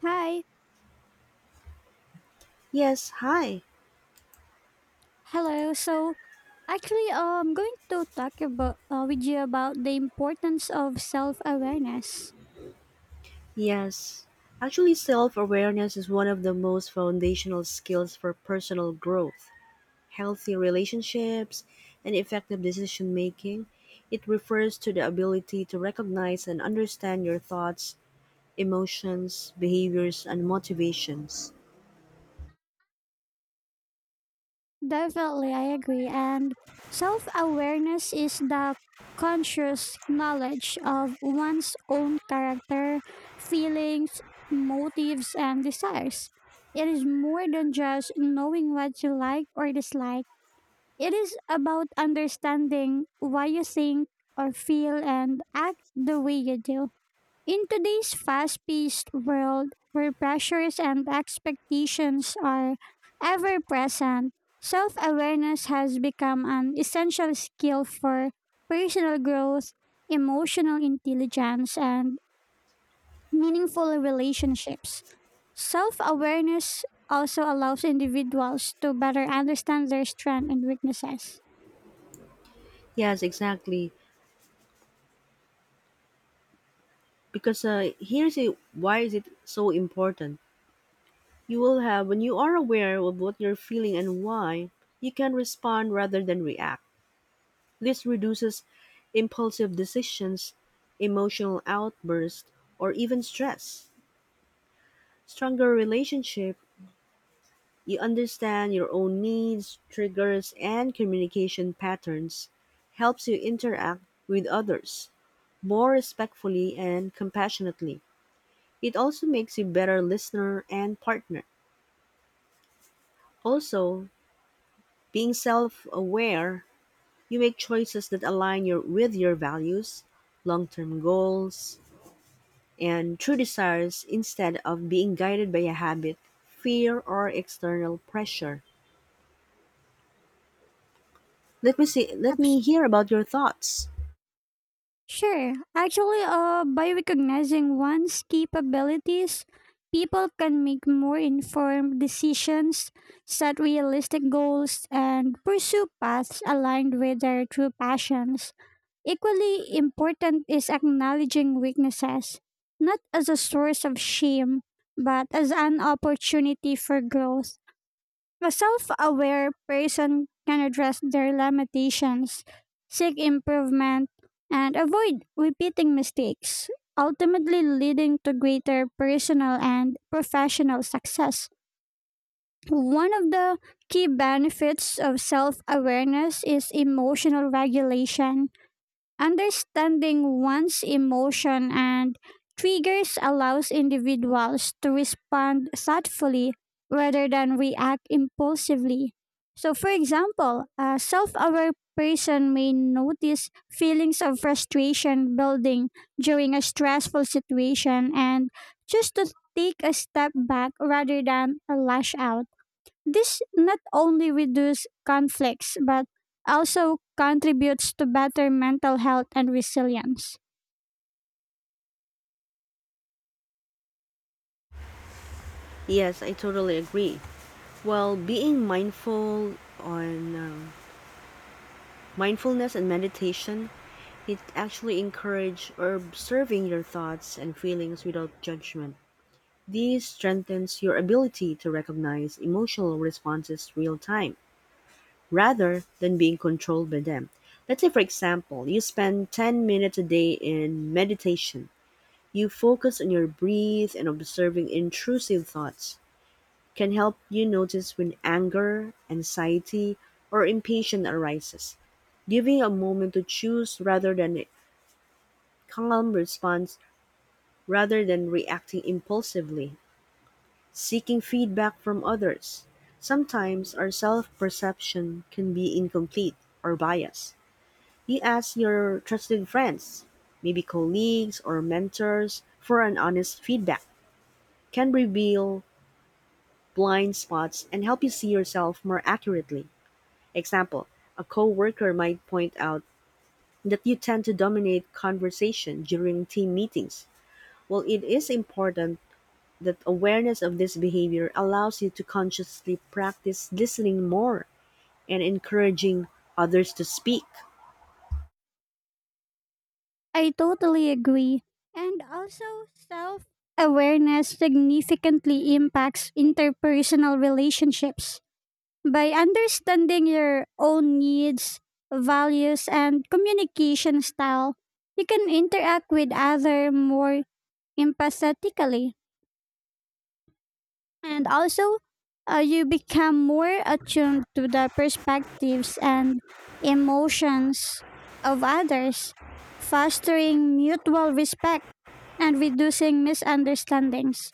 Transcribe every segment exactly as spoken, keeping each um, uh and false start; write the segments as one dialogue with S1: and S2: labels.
S1: Hi.
S2: Yes, hi.
S1: Hello. So, actually, uh, I'm going to talk about uh, with you about the importance of self-awareness.
S2: Yes. Actually, self awareness is one of the most foundational skills for personal growth, healthy relationships, and effective decision making. It refers to the ability to recognize and understand your thoughts, emotions, behaviors, and motivations.
S1: Definitely, I agree. And self-awareness is the conscious knowledge of one's own character, feelings, motives, and desires. It is more than just knowing what you like or dislike. It is about understanding why you think or feel and act the way you do. In today's fast paced world where pressures and expectations are ever present, self awareness has become an essential skill for personal growth, emotional intelligence, and meaningful relationships. Self awareness also allows individuals to better understand their strengths and weaknesses.
S2: Yes, exactly. Because uh, here's a, why is it so important. You will have when you are aware of what you're feeling and why, you can respond rather than react. This reduces impulsive decisions, emotional outbursts, or even stress. Stronger relationship, you understand your own needs, triggers, and communication patterns, helps you interact with others more respectfully and compassionately. It also makes you better listener and partner. Also, being self-aware, you make choices that align your with your values, long-term goals, and true desires instead of being guided by a habit, fear, or external pressure. Let me see, let
S1: At
S2: me hear about your thoughts.
S1: Sure. Actually, uh, by recognizing one's capabilities, people can make more informed decisions, set realistic goals, and pursue paths aligned with their true passions. Equally important is acknowledging weaknesses, not as a source of shame, but as an opportunity for growth. A self aware person can address their limitations, seek improvement, and avoid repeating mistakes, ultimately leading to greater personal and professional success. One of the key benefits of self awareness is emotional regulation. Understanding one's emotion and triggers allows individuals to respond thoughtfully rather than react impulsively. So, for example, a self aware person may notice feelings of frustration building during a stressful situation and just to take a step back rather than a lash out. This not only reduces conflicts but also contributes to better mental health and resilience.
S2: Yes, I totally agree. Well, being mindful on um, mindfulness and meditation, it actually encourage observing your thoughts and feelings without judgment. This strengthens your ability to recognize emotional responses real time, rather than being controlled by them. Let's say, for example, you spend ten minutes a day in meditation. You focus on your breath and observing intrusive thoughts can help you notice when anger, anxiety, or impatience arises, giving a moment to choose rather than a calm response rather than reacting impulsively, seeking feedback from others. Sometimes our self perception can be incomplete or biased. You ask your trusted friends, maybe colleagues or mentors, for an honest feedback can reveal blind spots and help you see yourself more accurately. Example, a coworker might point out that you tend to dominate conversation during team meetings. Well, it is important that awareness of this behavior allows you to consciously practice listening more and encouraging others to speak.
S1: I totally agree. And also, self awareness significantly impacts interpersonal relationships. By understanding your own needs, values, and communication style, you can interact with others more empathetically. And also, uh, you become more attuned to the perspectives and emotions of others, fostering mutual respect and reducing misunderstandings.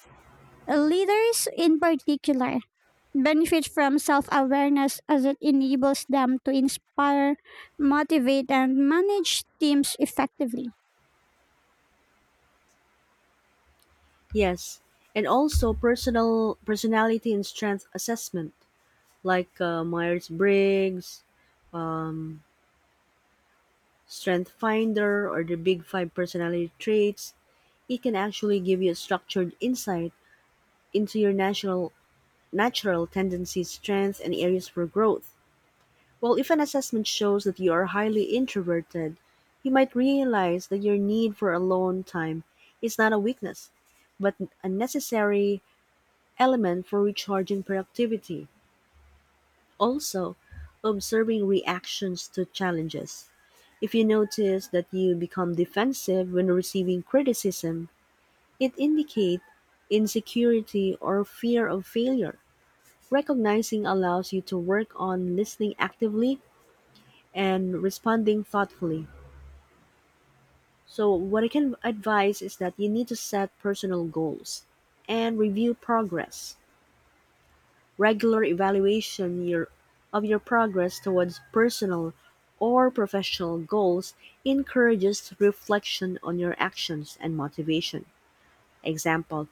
S1: Leaders, in particular, benefit from self awareness as it enables them to inspire, motivate, and manage teams effectively.
S2: Yes, and also personal personality and strength assessment, like uh, Myers Briggs, Strength Finder, or the Big Five personality traits. It can actually give you a structured insight into your natural natural tendencies, strengths, and areas for growth. Well, if an assessment shows that you are highly introverted, you might realize that your need for alone time is not a weakness, but a necessary element for recharging productivity. Also, observing reactions to challenges. If you notice that you become defensive when receiving criticism, it indicates insecurity or fear of failure. Recognizing allows you to work on listening actively and responding thoughtfully. So, what I can advise is that you need to set personal goals and review progress. Regular evaluation your, of your progress towards personal or professional goals encourages reflection on your actions and motivation. Example,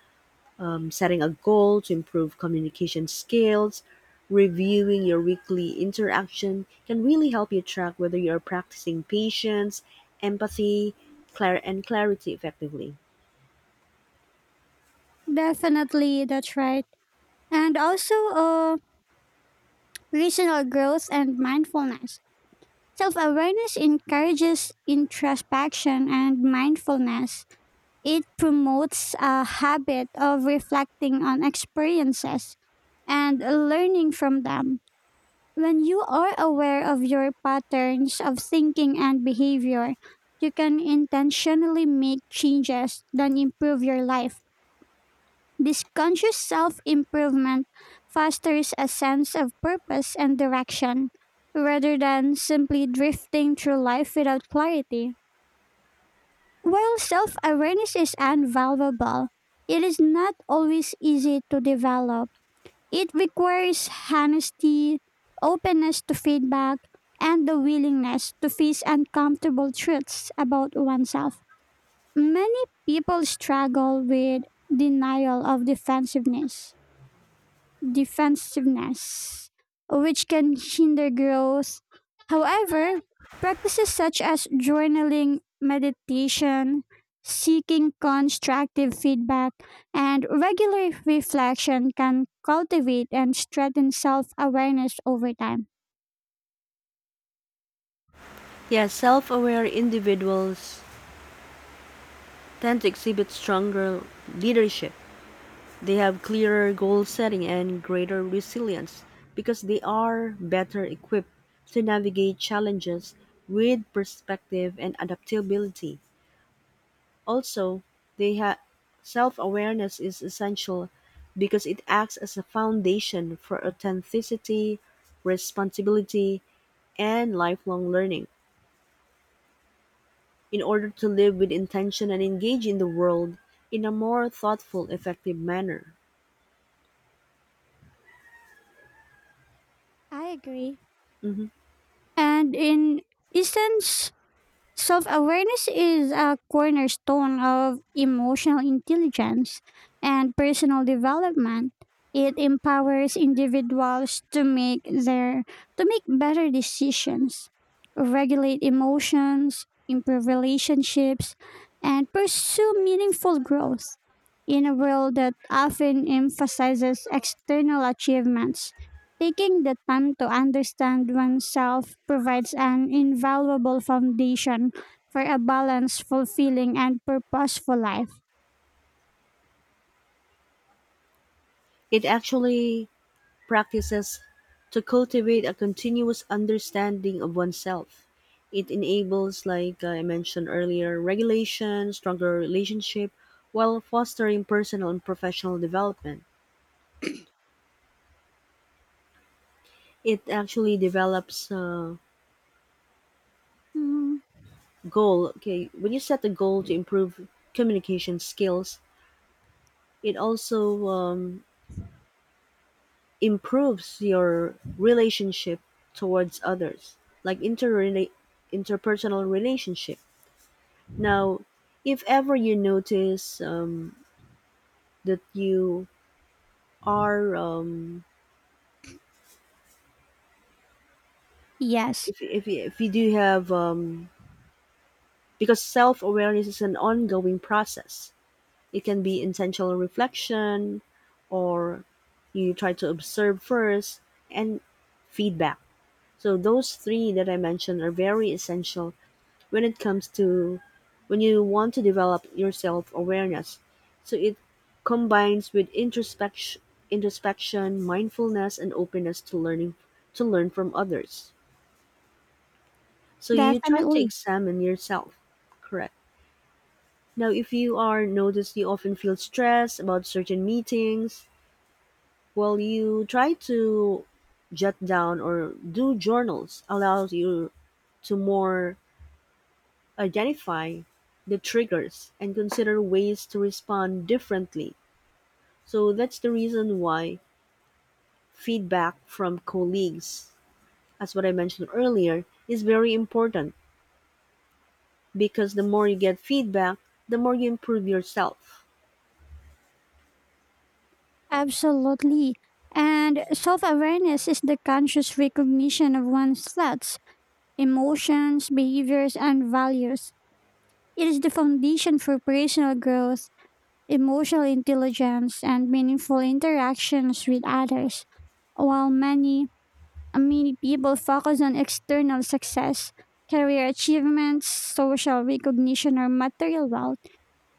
S2: um, setting a goal to improve communication skills, reviewing your weekly interaction can really help you track whether you're practicing patience, empathy, clar- and clarity effectively.
S1: Definitely, that's right. And also, uh, personal growth and mindfulness. Self awareness encourages introspection and mindfulness. It promotes a habit of reflecting on experiences and learning from them. When you are aware of your patterns of thinking and behavior, you can intentionally make changes that improve your life. This conscious self improvement fosters a sense of purpose and direction rather than simply drifting through life without clarity. While self awareness is invaluable, it is not always easy to develop. It requires honesty, openness to feedback, and the willingness to face uncomfortable truths about oneself. Many people struggle with denial of defensiveness defensiveness, which can hinder growth. However, practices such as journaling, meditation, seeking constructive feedback, and regular reflection can cultivate and strengthen self awareness over time.
S2: Yes, self aware individuals tend to exhibit stronger leadership. They have clearer goal setting and greater resilience because they are better equipped to navigate challenges with perspective and adaptability. Also, they have self-awareness is essential because it acts as a foundation for authenticity, responsibility, and lifelong learning in order to live with intention and engage in the world in a more thoughtful, effective manner.
S1: I agree.
S2: Mhm.
S1: And in essence, self awareness is a cornerstone of emotional intelligence and personal development. It empowers individuals to make their to make better decisions, regulate emotions, improve relationships, and pursue meaningful growth in a world that often emphasizes external achievements. Taking the time to understand oneself provides an invaluable foundation for a balanced, fulfilling, and purposeful life.
S2: It actually practices to cultivate a continuous understanding of oneself. It enables, like I mentioned earlier, regulation, stronger relationship, while fostering personal and professional development. It actually develops a
S1: Mm,
S2: goal. Okay, when you set a goal to improve communication skills, it also um, improves your relationship towards others, like interrela- interpersonal relationship. Now, if ever you notice um, that you are, um,
S1: yes,
S2: if, if, if you do have, um, because self awareness is an ongoing process, it can be intentional reflection or you try to observe first and feedback. So, those three that I mentioned are very essential when it comes to when you want to develop your self awareness. So it combines with introspection, introspection, mindfulness, and openness to learning to learn from others. So you try to
S1: definitely.
S2: examine yourself. Correct. Now, if you are noticed you often feel stressed about certain meetings, well, you try to jot down or do journals allows you to more identify the triggers and consider ways to respond differently. So that's the reason why feedback from colleagues, as what I mentioned earlier, is very important because the more you get feedback, the more you improve yourself.
S1: Absolutely. And self awareness is the conscious recognition of one's thoughts, emotions, behaviors, and values. It is the foundation for personal growth, emotional intelligence, and meaningful interactions with others. While many Many people focus on external success, career achievements, social recognition, or material wealth.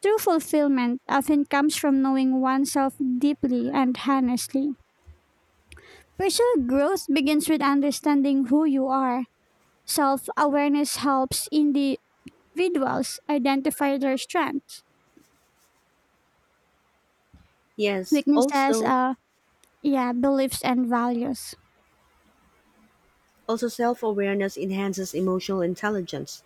S1: True fulfillment often comes from knowing oneself deeply and honestly. Personal growth begins with understanding who you are. Self awareness helps individuals identify their strengths,
S2: Yes,
S1: weaknesses,
S2: also
S1: uh, yeah, beliefs, and values.
S2: also self-awareness enhances emotional intelligence.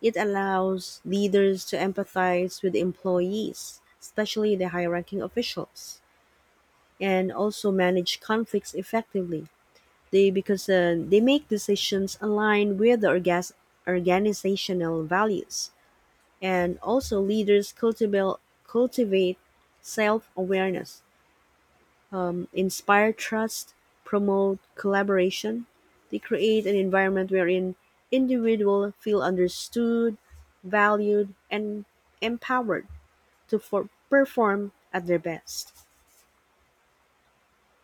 S2: It allows leaders to empathize with employees, especially the high-ranking officials, and also manage conflicts effectively. They because uh, they make decisions aligned with the orgas- organizational values, and also leaders cultivate cultivate self awareness, inspire trust, promote collaboration. They create an environment wherein individuals feel understood, valued, and empowered to for- perform at their best.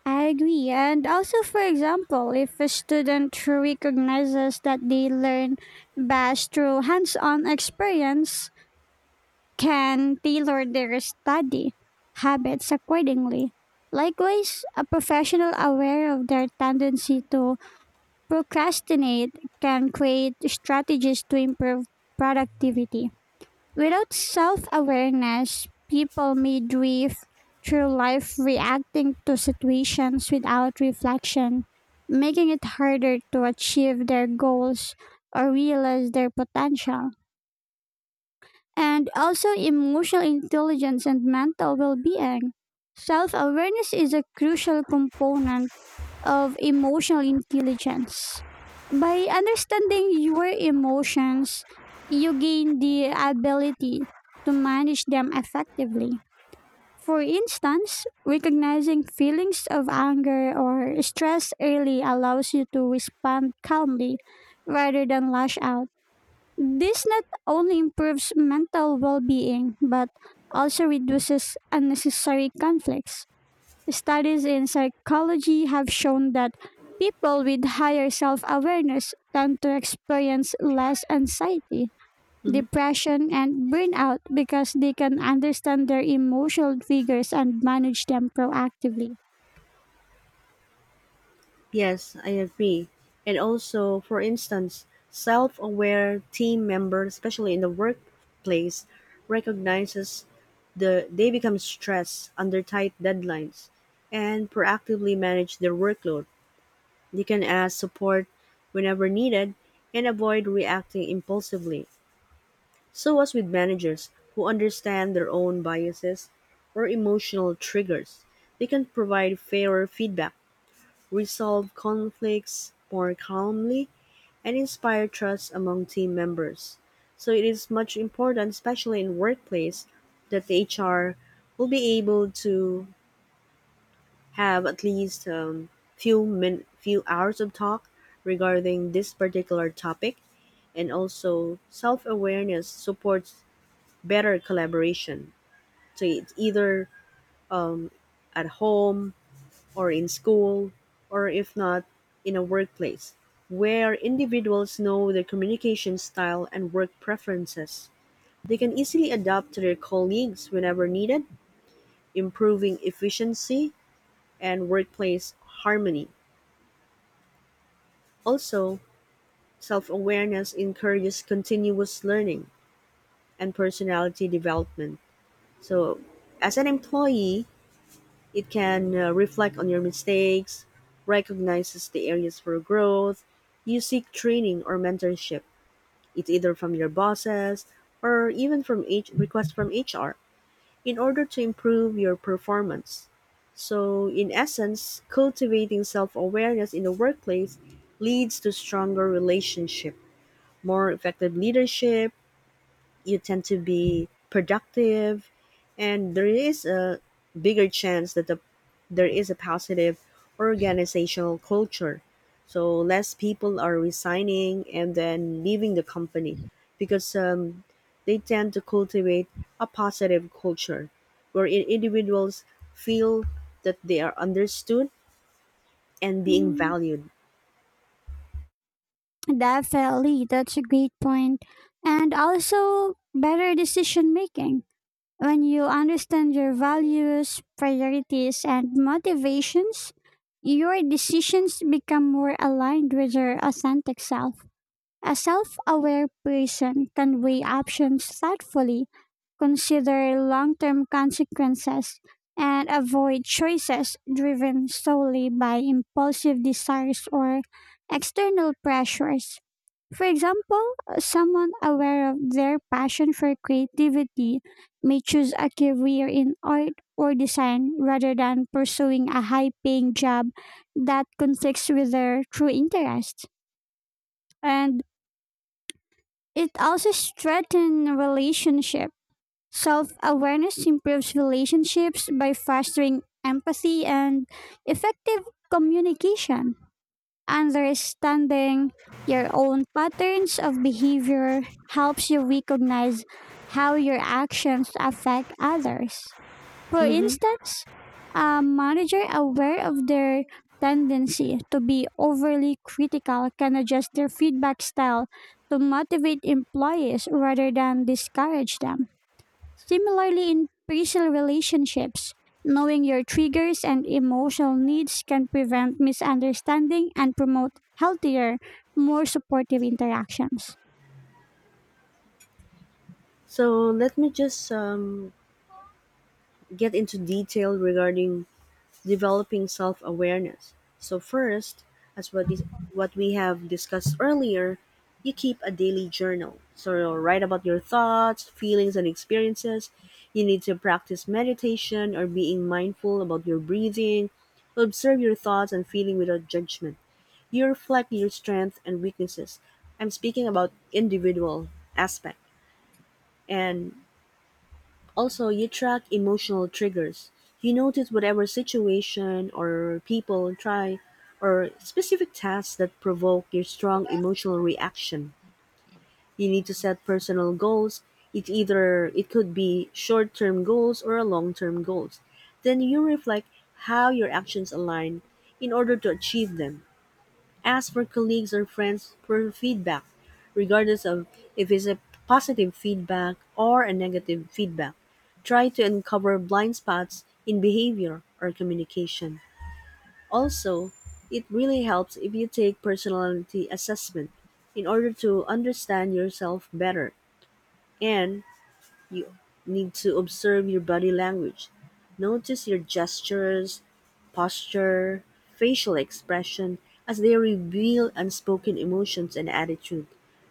S1: I agree. And also, for example, if a student recognizes that they learn best through hands on experience, can tailor their study habits accordingly. Likewise, a professional aware of their tendency to procrastinate can create strategies to improve productivity. Without self awareness, people may drift through life reacting to situations without reflection, making it harder to achieve their goals or realize their potential. And also, emotional intelligence and mental well being. Self awareness is a crucial component of emotional intelligence. By understanding your emotions, you gain the ability to manage them effectively. For instance, recognizing feelings of anger or stress early allows you to respond calmly rather than lash out. This not only improves mental well being but also reduces unnecessary conflicts. Studies in psychology have shown that people with higher self awareness tend to experience less anxiety,
S2: Mhm.
S1: depression, and burnout because they can understand their emotional triggers and manage them proactively.
S2: Yes, I agree. And also, for instance, self aware team members, especially in the workplace, recognizes the they become stressed under tight deadlines and proactively manage their workload. They can ask support whenever needed and avoid reacting impulsively. So as with managers who understand their own biases or emotional triggers, they can provide fairer feedback resolve conflicts more calmly, and inspire trust among team members. So it is much important, especially in workplace, that the H R will be able to have at least um, few min- few hours of talk regarding this particular topic, and also self awareness supports better collaboration. So it's either at home or in school, or if not, in a workplace, where individuals know their communication style and work preferences. They can easily adapt to their colleagues whenever needed, improving efficiency and workplace harmony. Also, self awareness encourages continuous learning and personality development. So, as an employee, it can uh, reflect on your mistakes, recognizes the areas for growth. You seek training or mentorship. It's either from your bosses or even from H- requests from H R in order to improve your performance. So, in essence, cultivating self awareness in the workplace leads to stronger relationship, more effective leadership, you tend to be productive and there is a bigger chance that the, there is a positive organizational culture so less people are resigning and then leaving the company because um, they tend to cultivate a positive culture where in- individuals feel that they are understood and being
S1: Mm,
S2: valued.
S1: Definitely, that's a great point. And also better decision making. When you understand your values, priorities, and motivations, your decisions become more aligned with your authentic self. A self aware person can weigh options thoughtfully, consider long term consequences, and avoid choices driven solely by impulsive desires or external pressures. For example, someone aware of their passion for creativity may choose a career in art or design rather than pursuing a high paying job that conflicts with their true interests. And it also strengthens relationship. Self awareness improves relationships by fostering empathy and effective communication. Understanding your own patterns of behavior helps you recognize how your actions affect others. For
S2: Hmm.
S1: instance, a manager aware of their tendency to be overly critical can adjust their feedback style to motivate employees rather than discourage them. Similarly, in personal relationships, knowing your triggers and emotional needs can prevent misunderstanding and promote healthier, more supportive interactions.
S2: So let me just um, get into detail regarding developing self-awareness. So first, as what is what we have discussed earlier, you keep a daily journal. So you'll write about your thoughts, feelings and experiences. You need to practice meditation or being mindful about your breathing. Observe your thoughts and feeling without judgment. You reflect your strengths and weaknesses. I'm speaking about individual aspect and also, you track emotional triggers. You notice whatever situation or people try or specific tasks that provoke your strong emotional reaction. You need to set personal goals. It either it could be short-term goals or a long-term goals. Then you reflect how your actions align in order to achieve them. Ask for colleagues or friends for feedback, regardless of if it's a positive feedback or a negative feedback. Try to uncover blind spots in behavior or communication. Also, it really helps if you take personality assessment in order to understand yourself better and you need to observe your body language. Notice your gestures, posture, facial expression as they reveal unspoken emotions and attitude.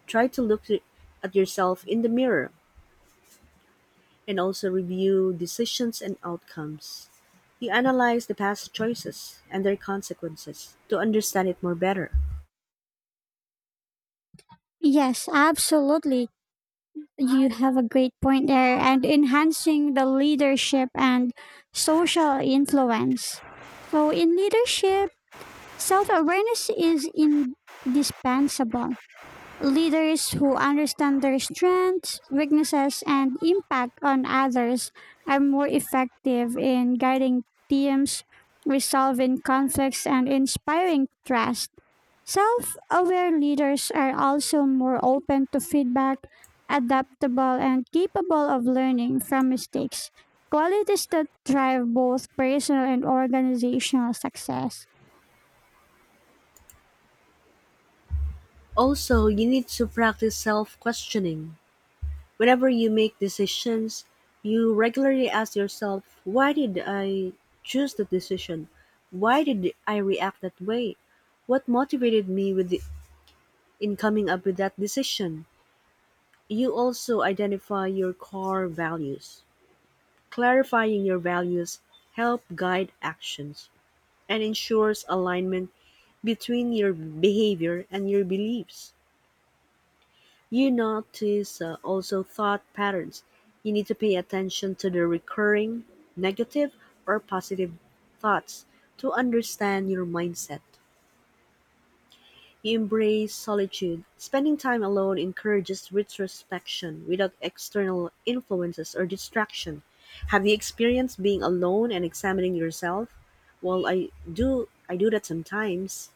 S2: Try to look at yourself in the mirror and also review decisions and outcomes. You analyze the past choices and their consequences to understand it more better.
S1: Yes, absolutely. You have a great point there. And enhancing the leadership and social influence. So, in leadership, self awareness is indispensable. Leaders who understand their strengths, weaknesses, and impact on others are more effective in guiding teams, resolving conflicts, and inspiring trust. Self aware leaders are also more open to feedback, adaptable, and capable of learning from mistakes, qualities that drive both personal and organizational success.
S2: Also, you need to practice self questioning. Whenever you make decisions, you regularly ask yourself, why did I choose that decision? Why did I react that way? What motivated me with the, in coming up with that decision? You also identify your core values. Clarifying your values help guide actions and ensures alignment between your behavior and your beliefs. You notice uh, also thought patterns; you need to pay attention to the recurring negative or positive thoughts to understand your mindset. You embrace solitude. Spending time alone encourages retrospection without external influences or distraction. Have you experienced being alone and examining yourself? Well, I do I do that sometimes.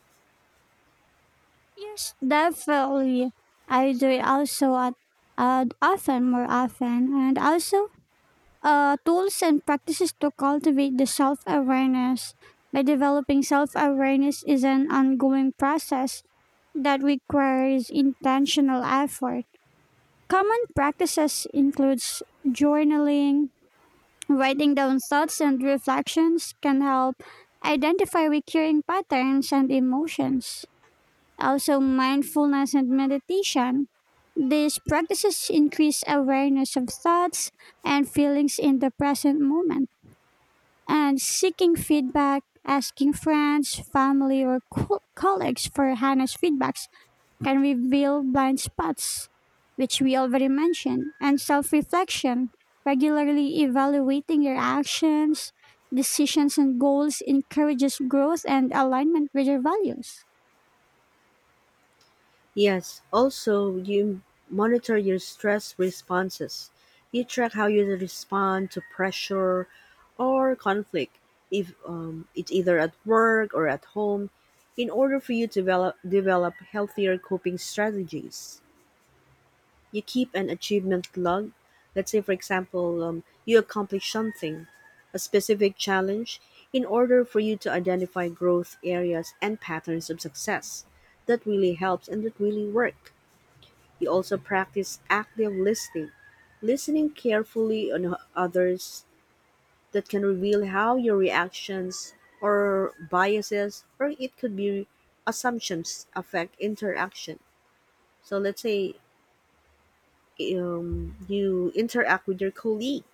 S1: Yes, definitely. I do it also at uh, often, more often, and also uh, tools and practices to cultivate the self awareness. By developing self awareness is an ongoing process that requires intentional effort. Common practices includes journaling, writing down thoughts and reflections can help identify recurring patterns and emotions. Also, mindfulness and meditation. These practices increase awareness of thoughts and feelings in the present moment. And seeking feedback, asking friends, family, or co- colleagues for honest feedbacks can reveal blind spots, which we already mentioned. And self reflection, regularly evaluating your actions, decisions, and goals encourages growth and alignment with your values.
S2: Yes, also, you monitor your stress responses. You track how you respond to pressure or conflict, if um, it's either at work or at home, in order for you to develop, develop healthier coping strategies. You keep an achievement log. Let's say, for example, um, you accomplish something, a specific challenge, in order for you to identify growth areas and patterns of success. That really helps and that really works. He also practiced active listening, listening carefully on h- others that can reveal how your reactions or biases or it could be assumptions affect interaction. So let's say um, you interact with your colleague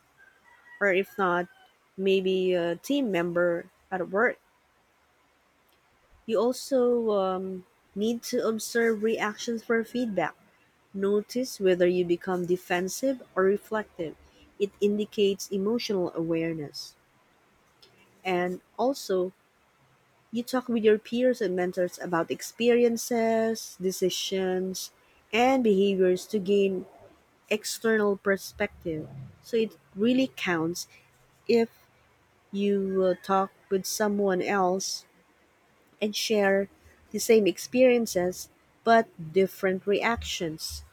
S2: or if not maybe a team member at work. You also um, need to observe reactions for feedback. Notice whether you become defensive or reflective. It indicates emotional awareness. And also, you talk with your peers and mentors about experiences, decisions, and behaviors to gain external perspective. So it really counts if you uh, talk with someone else and share the same experiences but different reactions.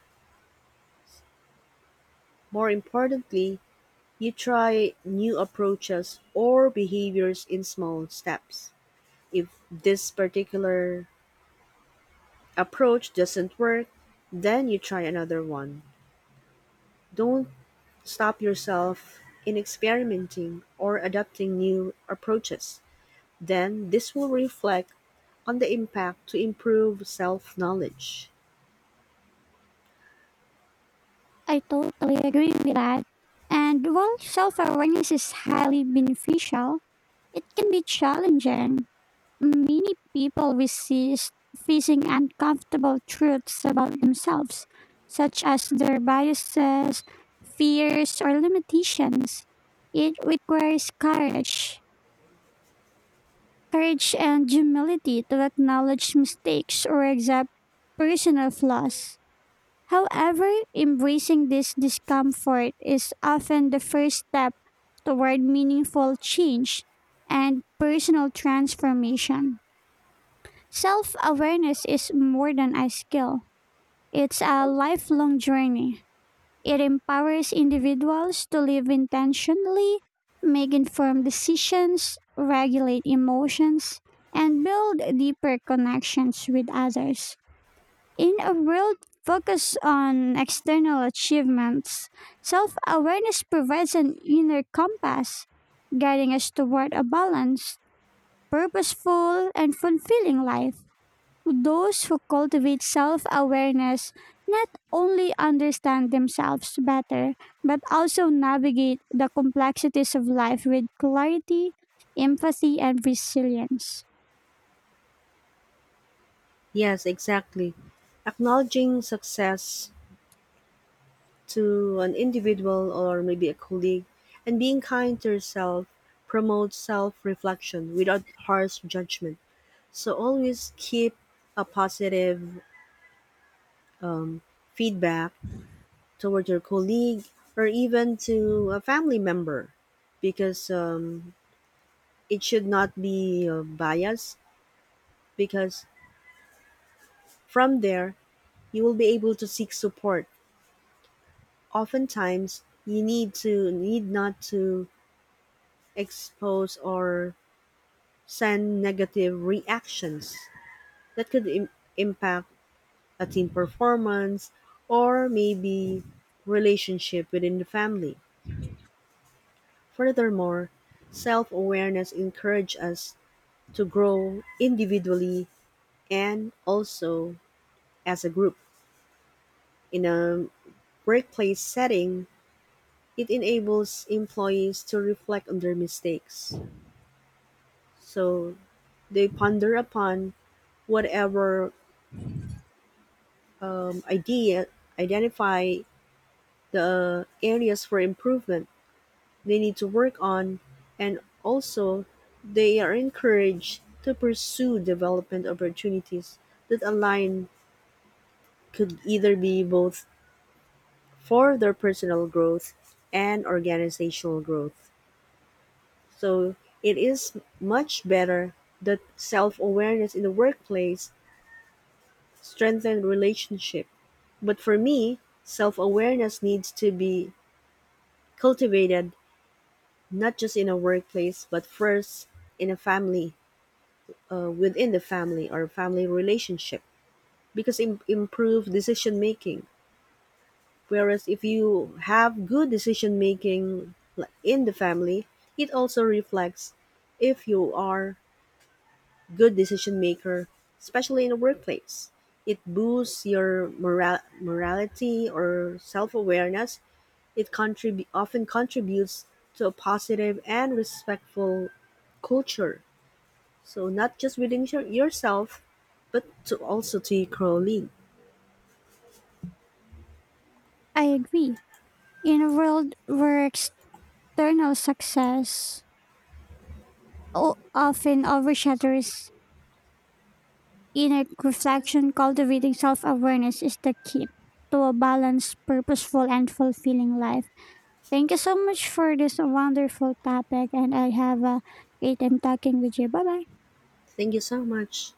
S2: More importantly, you try new approaches or behaviors in small steps. If this particular approach doesn't work, then you try another one. Don't stop yourself in experimenting or adopting new approaches. Then this will reflect on the impact to improve self knowledge.
S1: I totally agree with that. And while self awareness is highly beneficial, it can be challenging. Many people resist facing uncomfortable truths about themselves, such as their biases, fears, or limitations. It requires courage, courage and humility to acknowledge mistakes or accept personal flaws. However, embracing this discomfort is often the first step toward meaningful change and personal transformation. Self awareness is more than a skill, it's a lifelong journey. It empowers individuals to live intentionally, make informed decisions, regulate emotions, and build deeper connections with others. In a world focused on external achievements, self awareness provides an inner compass, guiding us toward a balanced, purposeful, and fulfilling life. Those who cultivate self awareness not only understand themselves better, but also navigate the complexities of life with clarity, empathy, and resilience.
S2: Yes, exactly. Acknowledging success to an individual or maybe a colleague, and being kind to yourself promotes self reflection without harsh judgment. So always keep a positive feedback toward your colleague or even to a family member because um, it should not be uh, biased because from there you will be able to seek support oftentimes you need to need not to expose or send negative reactions that could Im- impact a team performance or maybe relationship within the family. Furthermore, self-awareness encourages us to grow individually and also as a group. In a workplace setting, it enables employees to reflect on their mistakes. So they ponder upon whatever um, idea identify the areas for improvement they need to work on and also they are encouraged to pursue development opportunities that align could either be both for their personal growth and organizational growth. So it is much better that self awareness in the workplace strengthen relationship. But for me, self awareness needs to be cultivated not just in a workplace, but first in a family, uh, within the family or family relationship, because im- improve decision making. Whereas if you have good decision making like, in the family, it also reflects if you are good decision maker, especially in the workplace. It boosts your moral- morality or self awareness. It contrib- often contributes to a positive and respectful culture. So not just within your, yourself, but to also to your colleague.
S1: I agree. In a world where external success o- often overshadows inner reflection, cultivating self awareness is the key to a balanced, purposeful, and fulfilling life. Thank you so much for this wonderful topic, and I have a great time talking with you. Bye bye.
S2: Thank you so much.